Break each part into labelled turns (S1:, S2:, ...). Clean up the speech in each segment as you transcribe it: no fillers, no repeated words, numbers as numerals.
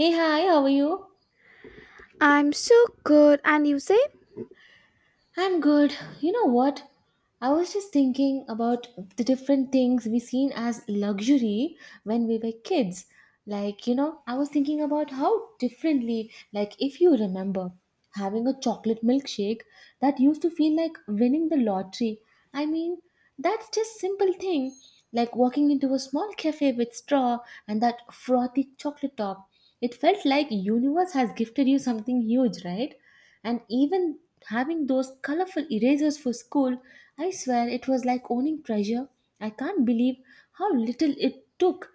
S1: Hey, hi, how are you?
S2: I'm so good. And you say?
S1: I'm good. You know what? I was just thinking about the different things we seen as luxury when we were kids. Like, you know, I was thinking about how differently, like, if you remember having a chocolate milkshake that used to feel like winning the lottery. I mean, that's just simple thing, like walking into a small cafe with straw and that frothy chocolate top. It felt like universe has gifted you something huge, right? And even having those colorful erasers for school, I swear it was like owning treasure. I can't believe how little it took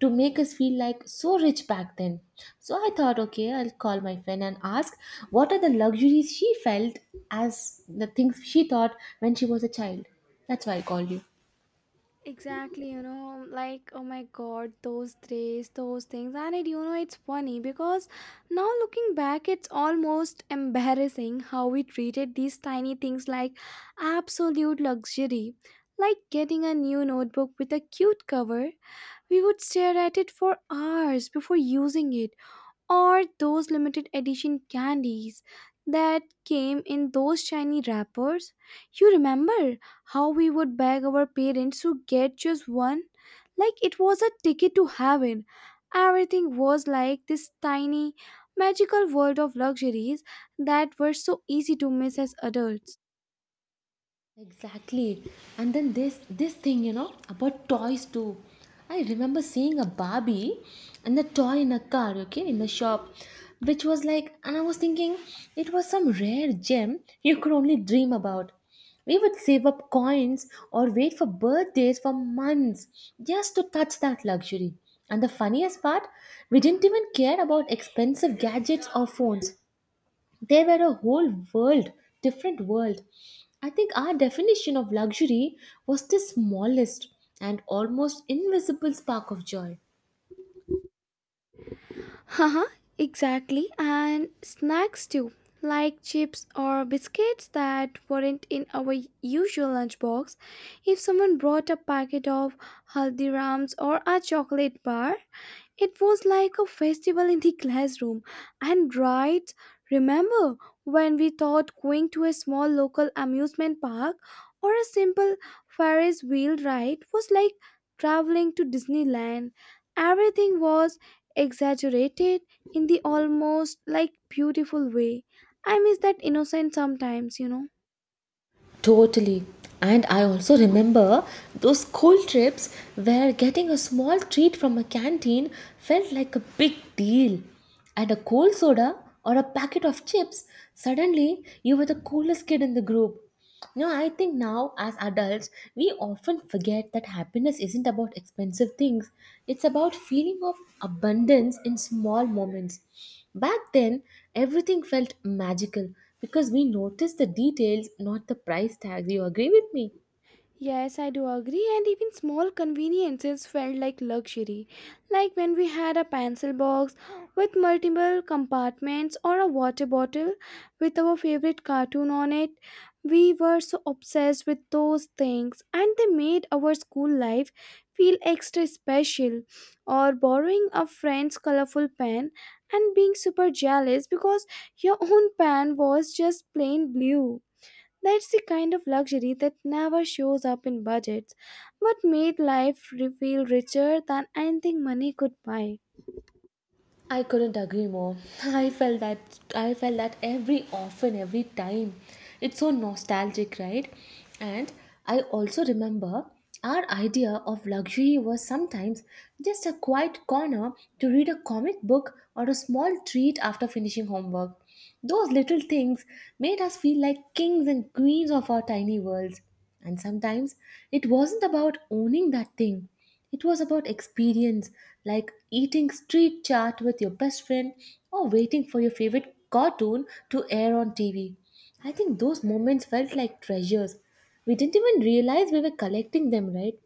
S1: to make us feel like so rich back then. So I thought, okay, I'll call my friend and ask what are the luxuries she felt as the things she thought when she was a child. That's why I called you.
S2: Exactly, you know, like, oh my god, those threes, those things. And it's funny because now looking back, it's almost embarrassing how we treated these tiny things like absolute luxury. Like getting a new notebook with a cute cover, we would stare at it for hours before using it. Or those limited edition candies that came in those shiny wrappers. You remember how we would beg our parents to get just one? Like it was a ticket to heaven. Everything was like this tiny, magical world of luxuries that were so easy to miss as adults.
S1: Exactly. And then this thing, you know, about toys too. I remember seeing a Barbie and the toy in a car, okay, in the shop, which was like and I was thinking it was some rare gem you could only dream about. We would save up coins or wait for birthdays for months just to touch that luxury. And the funniest part, we didn't even care about expensive gadgets or phones, they were a whole world, different world. I think our definition of luxury was the smallest and almost invisible spark of joy.
S2: Haha, exactly. And snacks too, like chips or biscuits that weren't in our usual lunchbox. If someone brought a packet of Haldiram's or a chocolate bar, it was like a festival in the classroom. And right, remember when we thought going to a small local amusement park or a simple Ferris wheel ride was like traveling to Disneyland? Everything was exaggerated in the almost like beautiful way. I miss that innocence sometimes, you know.
S1: Totally. And I also remember those school trips where getting a small treat from a canteen felt like a big deal. And a cold soda or a packet of chips, suddenly you were the coolest kid in the group. No, I think now as adults, we often forget that happiness isn't about expensive things. It's about feeling of abundance in small moments. Back then, everything felt magical because we noticed the details, not the price tag. You agree with me?
S2: Yes, I do agree, and even small conveniences felt like luxury. Like when we had a pencil box with multiple compartments or a water bottle with our favorite cartoon on it. We were so obsessed with those things, and they made our school life feel extra special. Or borrowing a friend's colorful pen and being super jealous because your own pen was just plain blue. That's the kind of luxury that never shows up in budgets, but made life feel richer than anything money could buy.
S1: I couldn't agree more. I felt that every often every time. It's so nostalgic, right? And I also remember our idea of luxury was sometimes just a quiet corner to read a comic book or a small treat after finishing homework. Those little things made us feel like kings and queens of our tiny worlds. And sometimes it wasn't about owning that thing. It was about experience, like eating street chat with your best friend or waiting for your favorite cartoon to air on TV. I think those moments felt like treasures. We didn't even realize we were collecting them, right?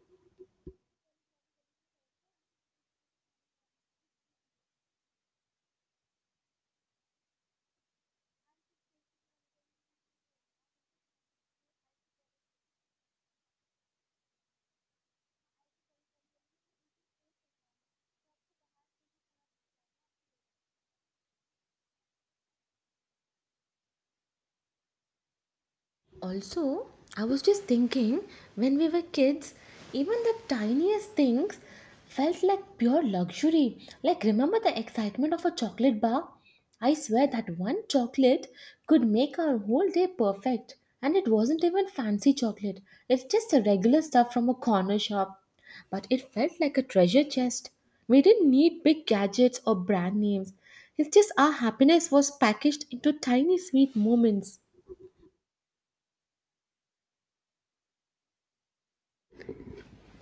S1: Also, I was just thinking when we were kids, even the tiniest things felt like pure luxury. Like, remember the excitement of a chocolate bar? I swear that one chocolate could make our whole day perfect. And it wasn't even fancy chocolate, it's just the regular stuff from a corner shop. But it felt like a treasure chest. We didn't need big gadgets or brand names. It's just our happiness was packaged into tiny sweet moments.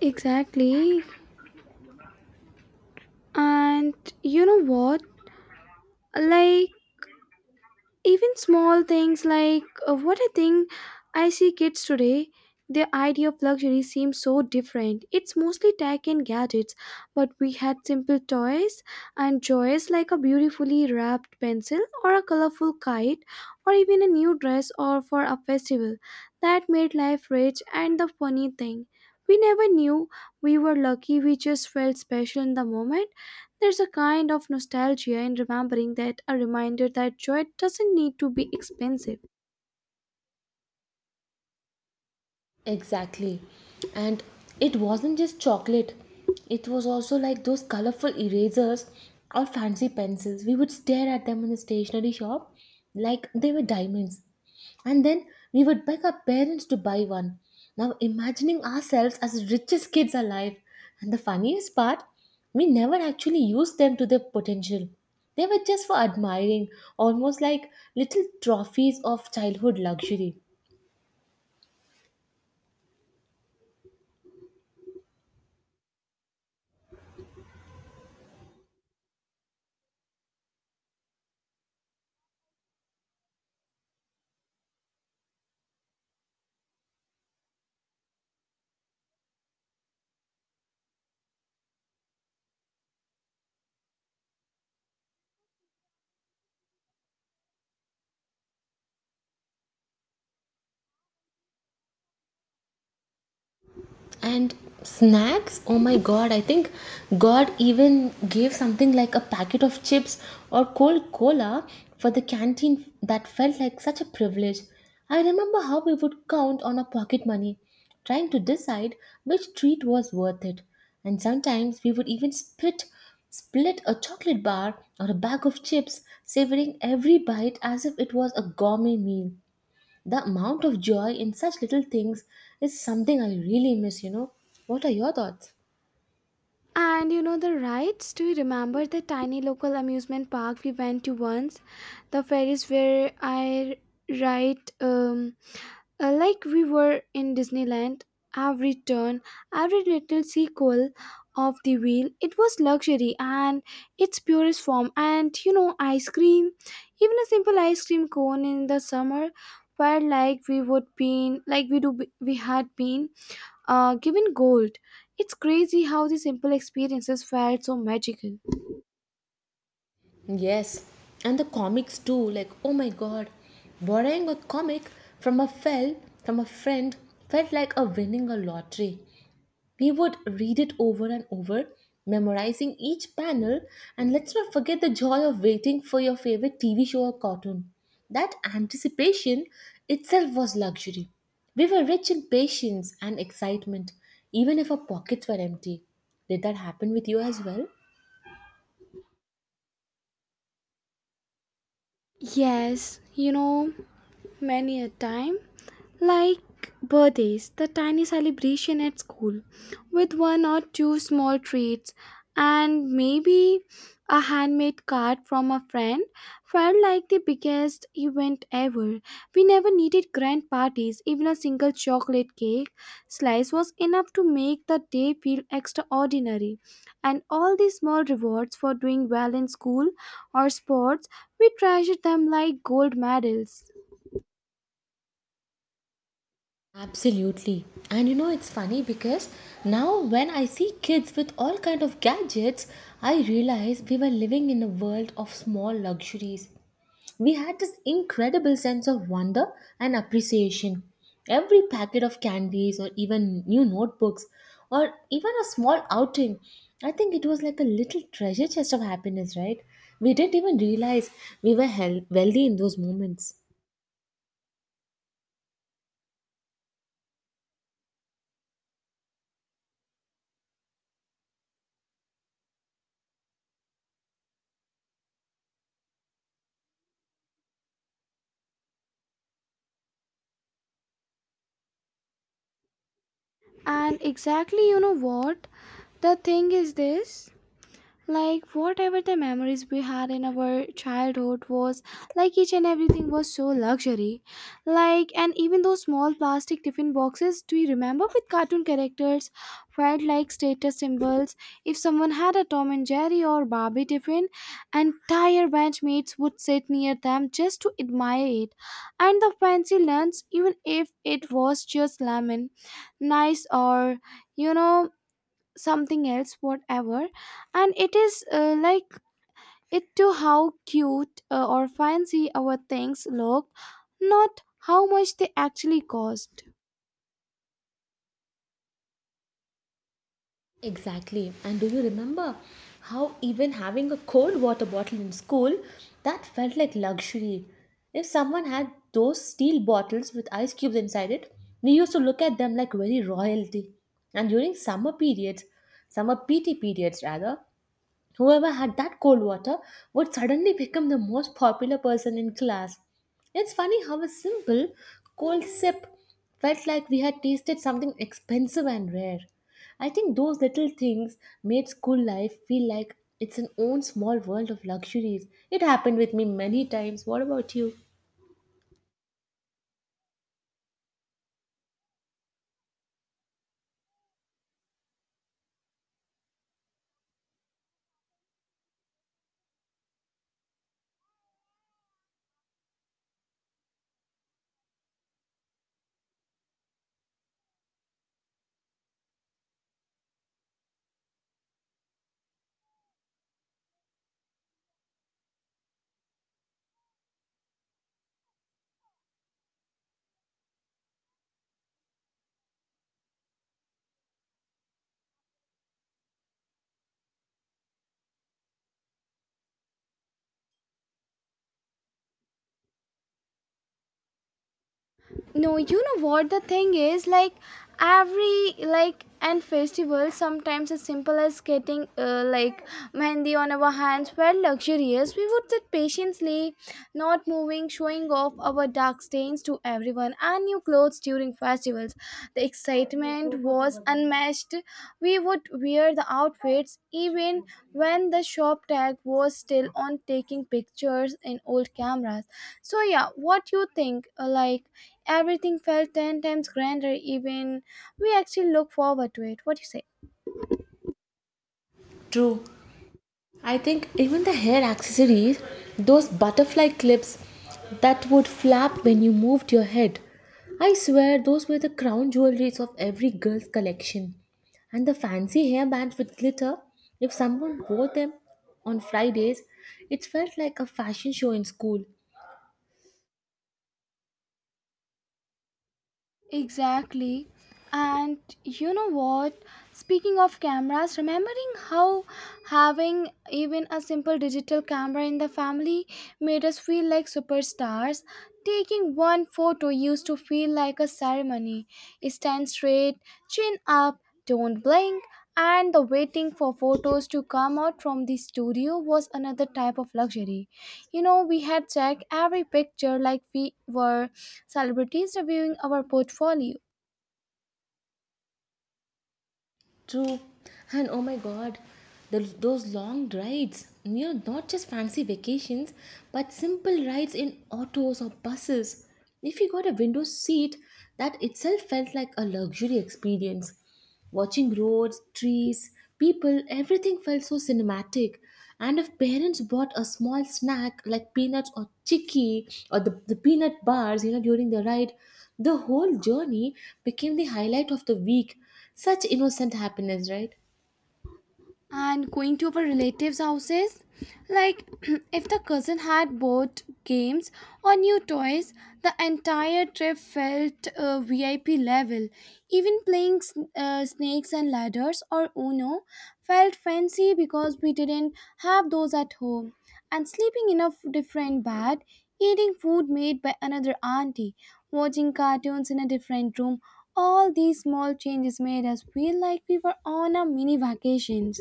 S2: Exactly. And you know what? Like, even small things like what I think I see kids today, their idea of luxury seems so different. It's mostly tech and gadgets, but we had simple toys and joys like a beautifully wrapped pencil or a colorful kite or even a new dress or for a festival that made life rich. And the funny thing, we never knew we were lucky. We just felt special in the moment. There's a kind of nostalgia in remembering that, a reminder that joy doesn't need to be expensive.
S1: Exactly. And it wasn't just chocolate, it was also like those colorful erasers or fancy pencils. We would stare at them in the stationery shop like they were diamonds. And then we would beg our parents to buy one. Now, imagining ourselves as richest kids alive. And the funniest part, we never actually used them to their potential. They were just for admiring, almost like little trophies of childhood luxury. And snacks, oh my god, I think god even gave something like a packet of chips or cold cola for the canteen, that felt like such a privilege. I remember how we would count on our pocket money, trying to decide which treat was worth it, and sometimes we would even split a chocolate bar or a bag of chips, savoring every bite as if it was a gourmet meal. The amount of joy in such little things is something I really miss, you know. What are your thoughts?
S2: And you know the rides? Do you remember the tiny local amusement park we went to once? The ferries where I ride like we were in Disneyland, every turn, every little sequel of the wheel, it was luxury and its purest form. And you know, ice cream, even a simple ice cream cone in the summer, felt like we would been like we do we had been given gold. It's crazy how the simple experiences felt so magical.
S1: Yes, and the comics too. Like, oh my god, borrowing a comic from a fel from a friend felt like a winning a lottery. We would read it over and over, memorizing each panel, and let's not forget the joy of waiting for your favorite TV show or cartoon. That anticipation itself was luxury. We were rich in patience and excitement, even if our pockets were empty. Did that happen with you as well?
S2: Yes, you know, many a time. Like birthdays, the tiny celebration at school with one or two small treats and maybe a handmade card from a friend felt like the biggest event ever. We never needed grand parties, even a single chocolate cake slice was enough to make the day feel extraordinary. And all the small rewards for doing well in school or sports, we treasured them like gold medals.
S1: Absolutely. And you know it's funny because now when I see kids with all kind of gadgets, I realize we were living in a world of small luxuries. We had this incredible sense of wonder and appreciation. Every packet of candies or even new notebooks or even a small outing, I think it was like a little treasure chest of happiness, right? We didn't even realize we were wealthy in those moments.
S2: And exactly, you know what? The thing is this, like whatever the memories we had in our childhood was, like each and everything was so luxury. Like, and even those small plastic tiffin boxes, do you remember, with cartoon characters, felt like status symbols. If someone had a Tom and Jerry or Barbie tiffin, entire benchmates would sit near them just to admire it. And the fancy lunch, even if it was just lemon nice or, you know, something else, whatever. And it is like it to how cute or fancy our things look, not how much they actually cost.
S1: Exactly. And do you remember how even having a cold water bottle in school that felt like luxury? If someone had those steel bottles with ice cubes inside it, we used to look at them like very royalty. And during summer PT periods rather, whoever had that cold water would suddenly become the most popular person in class. It's funny how a simple cold sip felt like we had tasted something expensive and rare. I think those little things made school life feel like it's an own small world of luxuries. It happened with me many times. What about you?
S2: No, you know what the thing is, like every like and festival, sometimes as simple as getting like mehendi on our hands were luxurious. We would sit patiently, not moving, showing off our dark stains to everyone. And new clothes during festivals, the excitement was unmatched. We would wear the outfits even when the shop tag was still on, taking pictures in old cameras. So yeah, what you think, like, everything felt 10 times grander, even we actually look forward to it. What do you say?
S1: True. I think even the hair accessories, those butterfly clips that would flap when you moved your head. I swear those were the crown jewelries of every girl's collection. And the fancy hairbands with glitter, if someone wore them on Fridays, it felt like a fashion show in school.
S2: Exactly. And you know what? Speaking of cameras, remembering how having even a simple digital camera in the family made us feel like superstars. Taking one photo used to feel like a ceremony. Stand straight, chin up, don't blink, and the waiting for photos to come out from the studio was another type of luxury. You know, we had checked every picture like we were celebrities reviewing our portfolio.
S1: True. And oh my god, those long rides, you know, not just fancy vacations, but simple rides in autos or buses. If you got a window seat, that itself felt like a luxury experience. Watching roads, trees, people, everything felt so cinematic. And if parents bought a small snack like peanuts or chicky or the peanut bars, you know, during the ride, the whole journey became the highlight of the week. Such innocent happiness, right?
S2: And going to our relatives' houses. Like, if the cousin had bought games or new toys, the entire trip felt VIP level. Even playing snakes and ladders or Uno felt fancy because we didn't have those at home. And sleeping in a different bed, eating food made by another auntie, watching cartoons in a different room, all these small changes made us feel like we were on a mini vacation.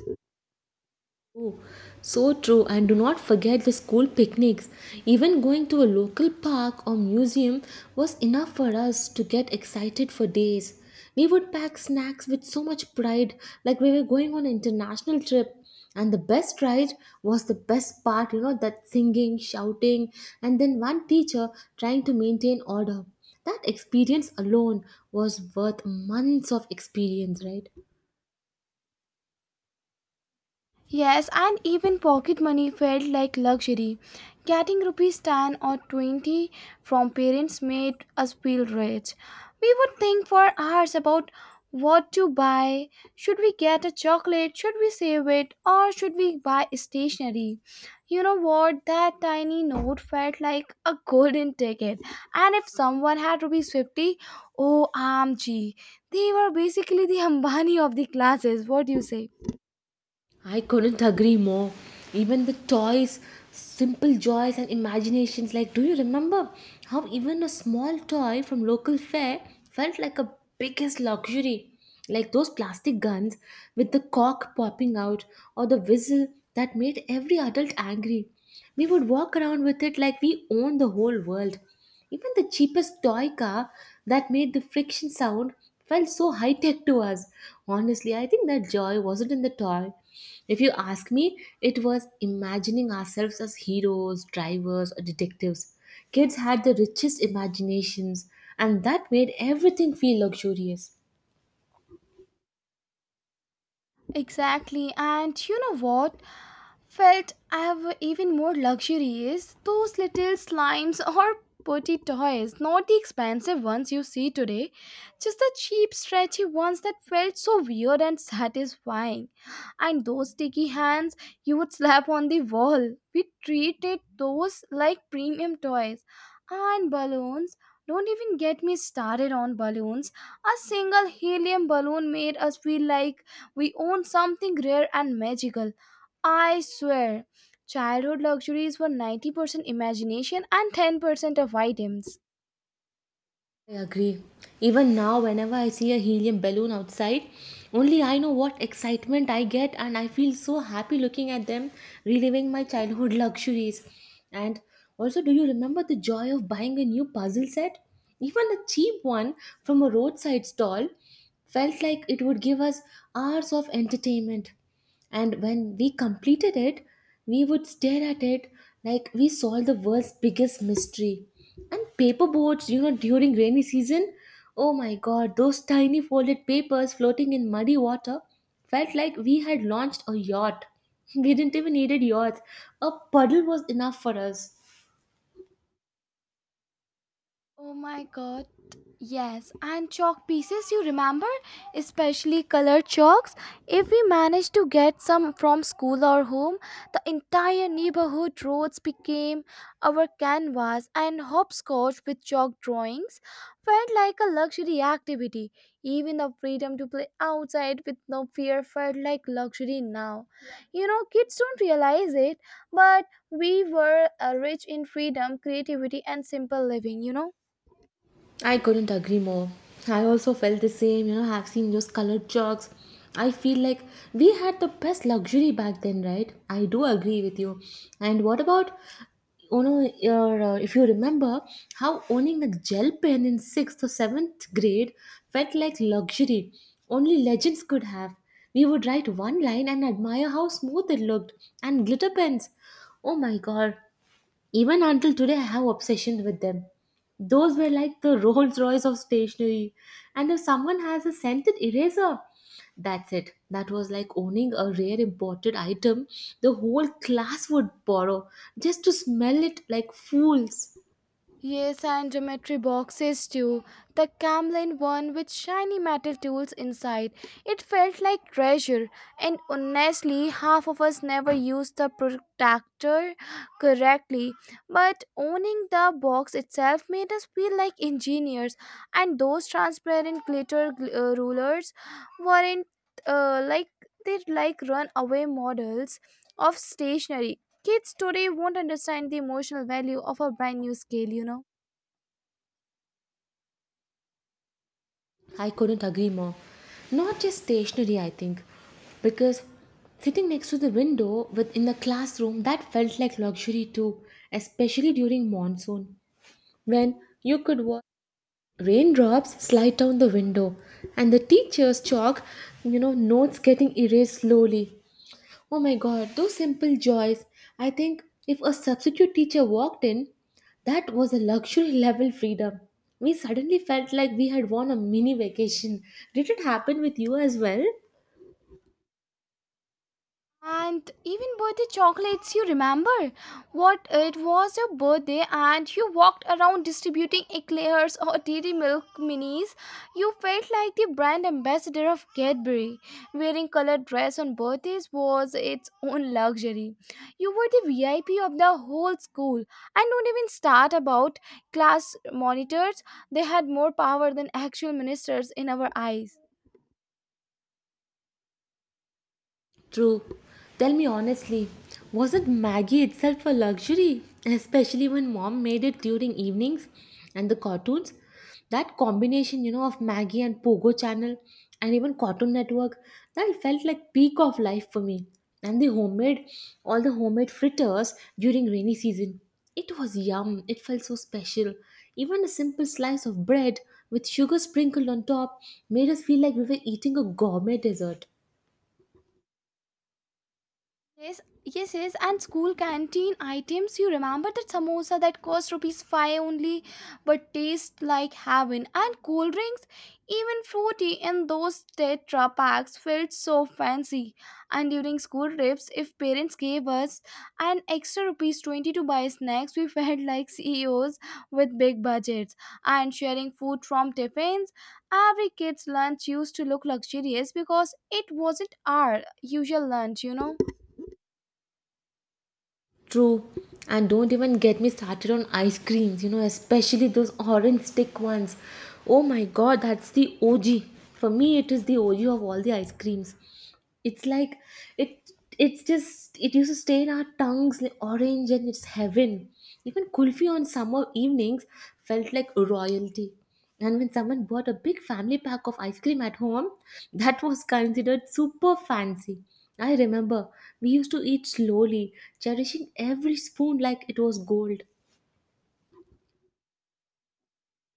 S1: Oh, so true. And do not forget the school picnics. Even going to a local park or museum was enough for us to get excited for days. We would pack snacks with so much pride, like we were going on an international trip. And the best ride was the best part, you know, that singing, shouting, and then one teacher trying to maintain order. That experience alone was worth months of experience, right?
S2: Yes, and even pocket money felt like luxury. Getting rupees 10 or 20 from parents made us feel rich. We would think for hours about what to buy. Should we get a chocolate? Should we save it? Or should we buy stationery? You know what? That tiny note felt like a golden ticket. And if someone had rupees 50, oh, OMG. They were basically the Ambani of the classes. What do you say?
S1: I couldn't agree more. Even the toys, simple joys and imaginations. Like, do you remember how even a small toy from local fair felt like a biggest luxury? Like those plastic guns with the cork popping out or the whistle that made every adult angry. We would walk around with it like we owned the whole world. Even the cheapest toy car that made the friction sound felt so high tech to us. Honestly, I think that joy wasn't in the toy. If you ask me, it was imagining ourselves as heroes, drivers, or detectives. Kids had the richest imaginations, and that made everything feel luxurious.
S2: Exactly. And you know what? Felt I have even more luxuries. Those little slimes or potty toys, not the expensive ones you see today, just the cheap, stretchy ones that felt so weird and satisfying. And those sticky hands you would slap on the wall, we treated those like premium toys. And balloons. Don't even get me started on balloons. A single helium balloon made us feel like we owned something rare and magical. I swear, childhood luxuries were 90% imagination and 10% of items.
S1: I agree. Even now, whenever I see a helium balloon outside, only I know what excitement I get, and I feel so happy looking at them, reliving my childhood luxuries. And also, do you remember the joy of buying a new puzzle set? Even a cheap one from a roadside stall felt like it would give us hours of entertainment, and when we completed it we would stare at it like we solved the world's biggest mystery. And paper boats, you know, during rainy season, oh my god, those tiny folded papers floating in muddy water felt like we had launched a yacht. We didn't even needed yachts, a puddle was enough for us.
S2: Oh my god. Yes, and chalk pieces, you remember? Especially colored chalks. If we managed to get some from school or home, the entire neighborhood roads became our canvas, and hopscotch with chalk drawings felt like a luxury activity. Even the freedom to play outside with no fear felt like luxury now. You know, kids don't realize it, but we were rich in freedom, creativity, and simple living, you know?
S1: I couldn't agree more. I also felt the same, you know, I have seen those colored chalks. I feel like we had the best luxury back then, right? I do agree with you. And what about, you know, if you remember how owning a gel pen in sixth or seventh grade felt like luxury. Only legends could have. We would write one line and admire how smooth it looked, and glitter pens. Oh my god, even until today, I have obsession with them. Those were like the Rolls Royce of stationery. And if someone has a scented eraser, that's it. That was like owning a rare imported item, the whole class would borrow just to smell it like fools.
S2: Yes, and geometry boxes too. The Camlin one with shiny metal tools inside. It felt like treasure, and honestly, half of us never used the protector correctly. But owning the box itself made us feel like engineers, and those transparent glitter rulers weren't like they'd like runaway models of stationery. Kids today won't understand the emotional value of a brand new scale, you know.
S1: I couldn't agree more. Not just stationery, I think, because sitting next to the window within the classroom, that felt like luxury too, especially during monsoon when you could watch raindrops slide down the window, and the teacher's chalk, you know, notes getting erased slowly. Oh my god, those simple joys. I think if a substitute teacher walked in, that was a luxury level freedom. We suddenly felt like we had won a mini vacation. Did it happen with you as well?
S2: And even birthday chocolates, you remember what it was your birthday, and you walked around distributing eclairs or Dairy Milk minis. You felt like the brand ambassador of Cadbury. Wearing colored dress on birthdays was its own luxury. You were the VIP of the whole school. And don't even start about class monitors. They had more power than actual ministers in our eyes.
S1: True. Tell me honestly, wasn't Maggie itself a luxury? Especially when mom made it during evenings and the cartoons. That combination, you know, of Maggie and Pogo channel and even Cartoon Network, that felt like peak of life for me. And the homemade, all the homemade fritters during rainy season. It was yum. It felt so special. Even a simple slice of bread with sugar sprinkled on top made us feel like we were eating a gourmet dessert.
S2: Yes, yes, yes. And school canteen items. You remember that samosa that cost rupees 5 only, but taste like heaven. And cool drinks, even fruity in those tetra packs, felt so fancy. And during school trips, if parents gave us an extra rupees 20 to buy snacks, we felt like CEOs with big budgets. And sharing food from tiffins, every kid's lunch used to look luxurious because it wasn't our usual lunch, you know.
S1: True. And don't even get me started on ice creams, you know, especially those orange stick ones. Oh my god, that's the OG. For me, it is the OG of all the ice creams. It's like it it's just it used to stay in our tongues like orange and it's heaven. Even kulfi on summer evenings felt like royalty. And when someone bought a big family pack of ice cream at home, that was considered super fancy. I remember we used to eat slowly, cherishing every spoon like it was gold.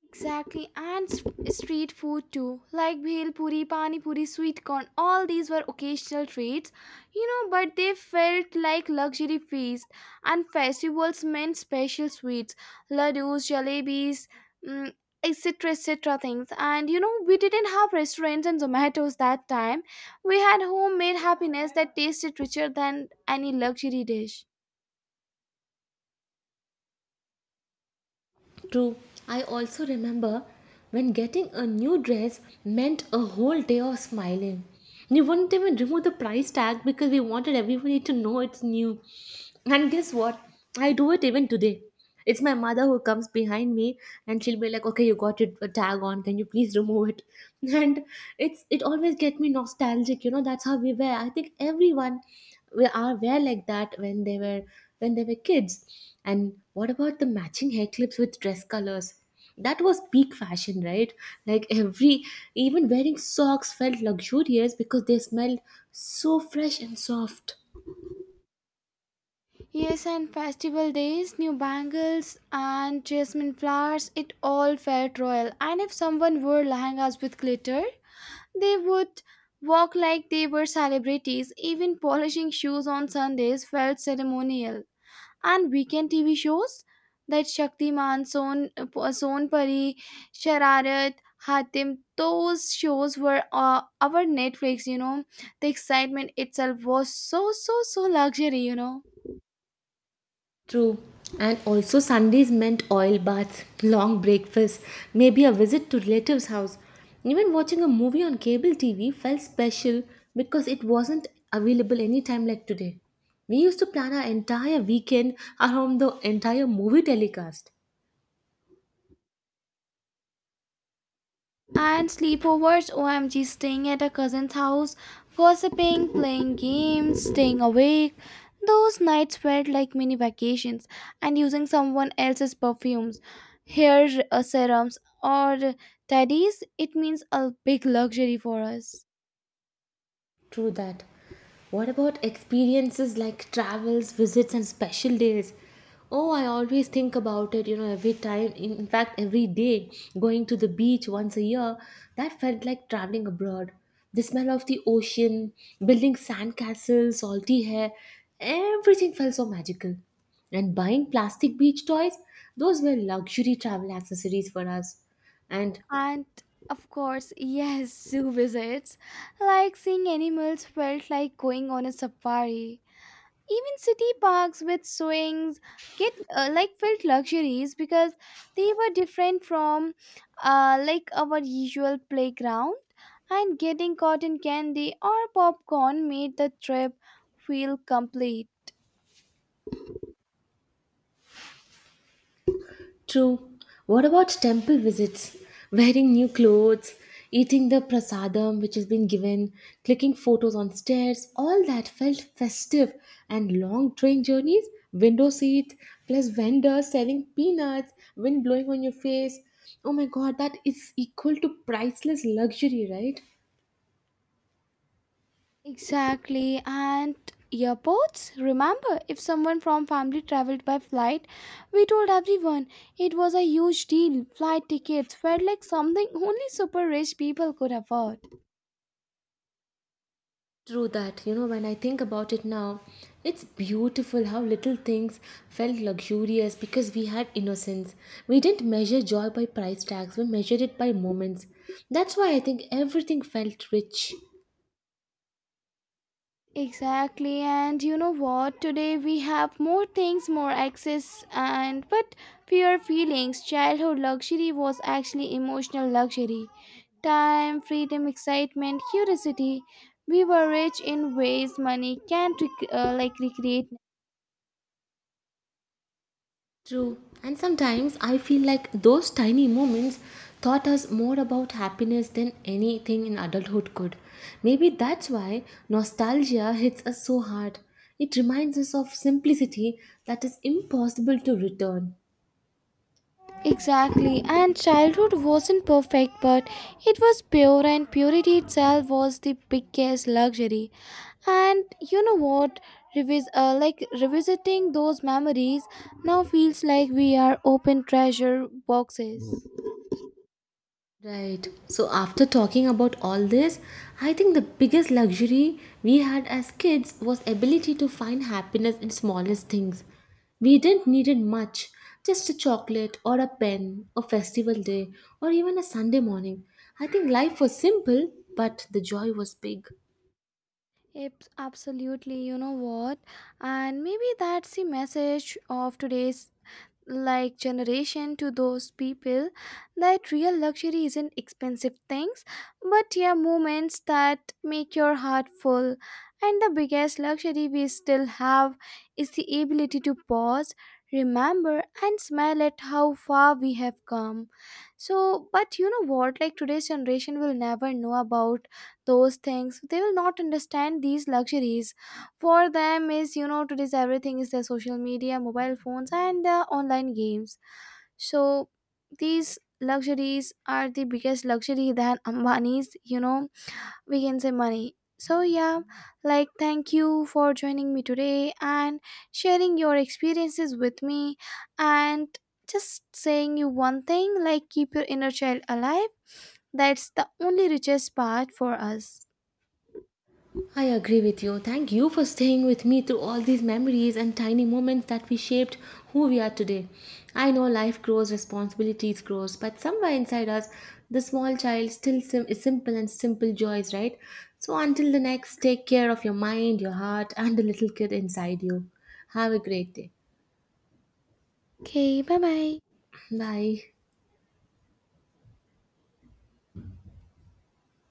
S2: Exactly, and street food too, like bhel puri, pani puri, sweet corn. All these were occasional treats, you know, but they felt like luxury feast. And festivals meant special sweets, ladoos, jalebis, mm, etc., etc. things. And you know, we didn't have restaurants and Zomatos that time. We had homemade happiness that tasted richer than any luxury dish.
S1: True, I also remember when getting a new dress meant a whole day of smiling. We wouldn't even remove the price tag because we wanted everybody to know it's new. And guess what? I do it even today. It's my mother who comes behind me and she'll be like, okay, you got it a tag on, can you please remove it? And it always get me nostalgic, you know, that's how we were. I think everyone we are were like that when they were kids. And what about the matching hair clips with dress colors? That was peak fashion, right? Like every, even wearing socks felt luxurious because they smelled so fresh and soft.
S2: Yes, and festival days, new bangles and jasmine flowers, it all felt royal. And if someone wore lehengas with glitter, they would walk like they were celebrities. Even polishing shoes on Sundays felt ceremonial. And weekend TV shows that Shaktiman, Son, Son Pari, Shararat, Hatim, those shows were our Netflix, you know. The excitement itself was so, so, so luxury, you know.
S1: True. And also, Sundays meant oil baths, long breakfasts, maybe a visit to relatives' house. Even watching a movie on cable TV felt special because it wasn't available anytime like today. We used to plan our entire weekend around the entire movie telecast.
S2: And sleepovers, OMG, staying at a cousin's house, gossiping, playing games, staying awake. Those nights felt like mini vacations. And using someone else's perfumes, hair serums, or teddies, it means a big luxury for us.
S1: True that. What about experiences like travels, visits, and special days? Oh, I always think about it, you know, every time. In fact, every day, going to the beach once a year, that felt like traveling abroad. The smell of the ocean, building sandcastles, salty hair, everything felt so magical. And buying plastic beach toys, those were luxury travel accessories for us. And
S2: And of course, yes, zoo visits. Like seeing animals felt like going on a safari. Even city parks with swings get like felt luxuries because they were different from like our usual playground, and getting cotton candy or popcorn made the trip feel complete.
S1: true. What about temple visits? Wearing new clothes, eating the prasadam which has been given, clicking photos on stairs, all that felt festive. And long train journeys, window seats, plus vendors selling peanuts, wind blowing on your face. Oh my god, that is equal to priceless luxury, right?
S2: Exactly, and airports. Remember, if someone from family traveled by flight, we told everyone it was a huge deal. Flight tickets felt like something only super rich people could afford.
S1: True that, you know, when I think about it now, it's beautiful how little things felt luxurious because we had innocence. We didn't measure joy by price tags, we measured it by moments. That's why I think everything felt rich.
S2: Exactly, and you know what? Today we have more things, more access, and but fewer feelings. Childhood luxury was actually emotional luxury, time, freedom, excitement, curiosity. We were rich in ways money can't like recreate.
S1: True. And sometimes I feel like those tiny moments taught us more about happiness than anything in adulthood could. Maybe that's why nostalgia hits us so hard. It reminds us of simplicity that is impossible to return.
S2: Exactly, and childhood wasn't perfect, but it was pure, and purity itself was the biggest luxury. And you know what? Like revisiting those memories now feels like we are open treasure boxes.
S1: Right. So, after talking about all this, I think the biggest luxury we had as kids was ability to find happiness in smallest things. We didn't need it much, just a chocolate or a pen, a festival day, or even a Sunday morning. I think life was simple, but the joy was big.
S2: It's absolutely, you know what? And maybe that's the message of today's like generation to those people, that real luxury isn't expensive things, but yeah, moments that make your heart full. And the biggest luxury we still have is the ability to pause, remember, and smile at how far we have come. So but you know what, like today's generation will never know about those things. They will not understand these luxuries. For them is, you know, today's everything is their social media, mobile phones, and online games. So these luxuries are the biggest luxury than Ambani's, you know, we can say money. So yeah, like thank you for joining me today and sharing your experiences with me. And just saying you one thing, like keep your inner child alive. That's the only richest part for us.
S1: I agree with you. Thank you for staying with me through all these memories and tiny moments that we shaped who we are today. I know life grows, responsibilities grows, but somewhere inside us, the small child is simple and simple joys, right? So until the next, take care of your mind, your heart, and the little kid inside you. Have a great day.
S2: Okay, bye bye.
S1: Bye.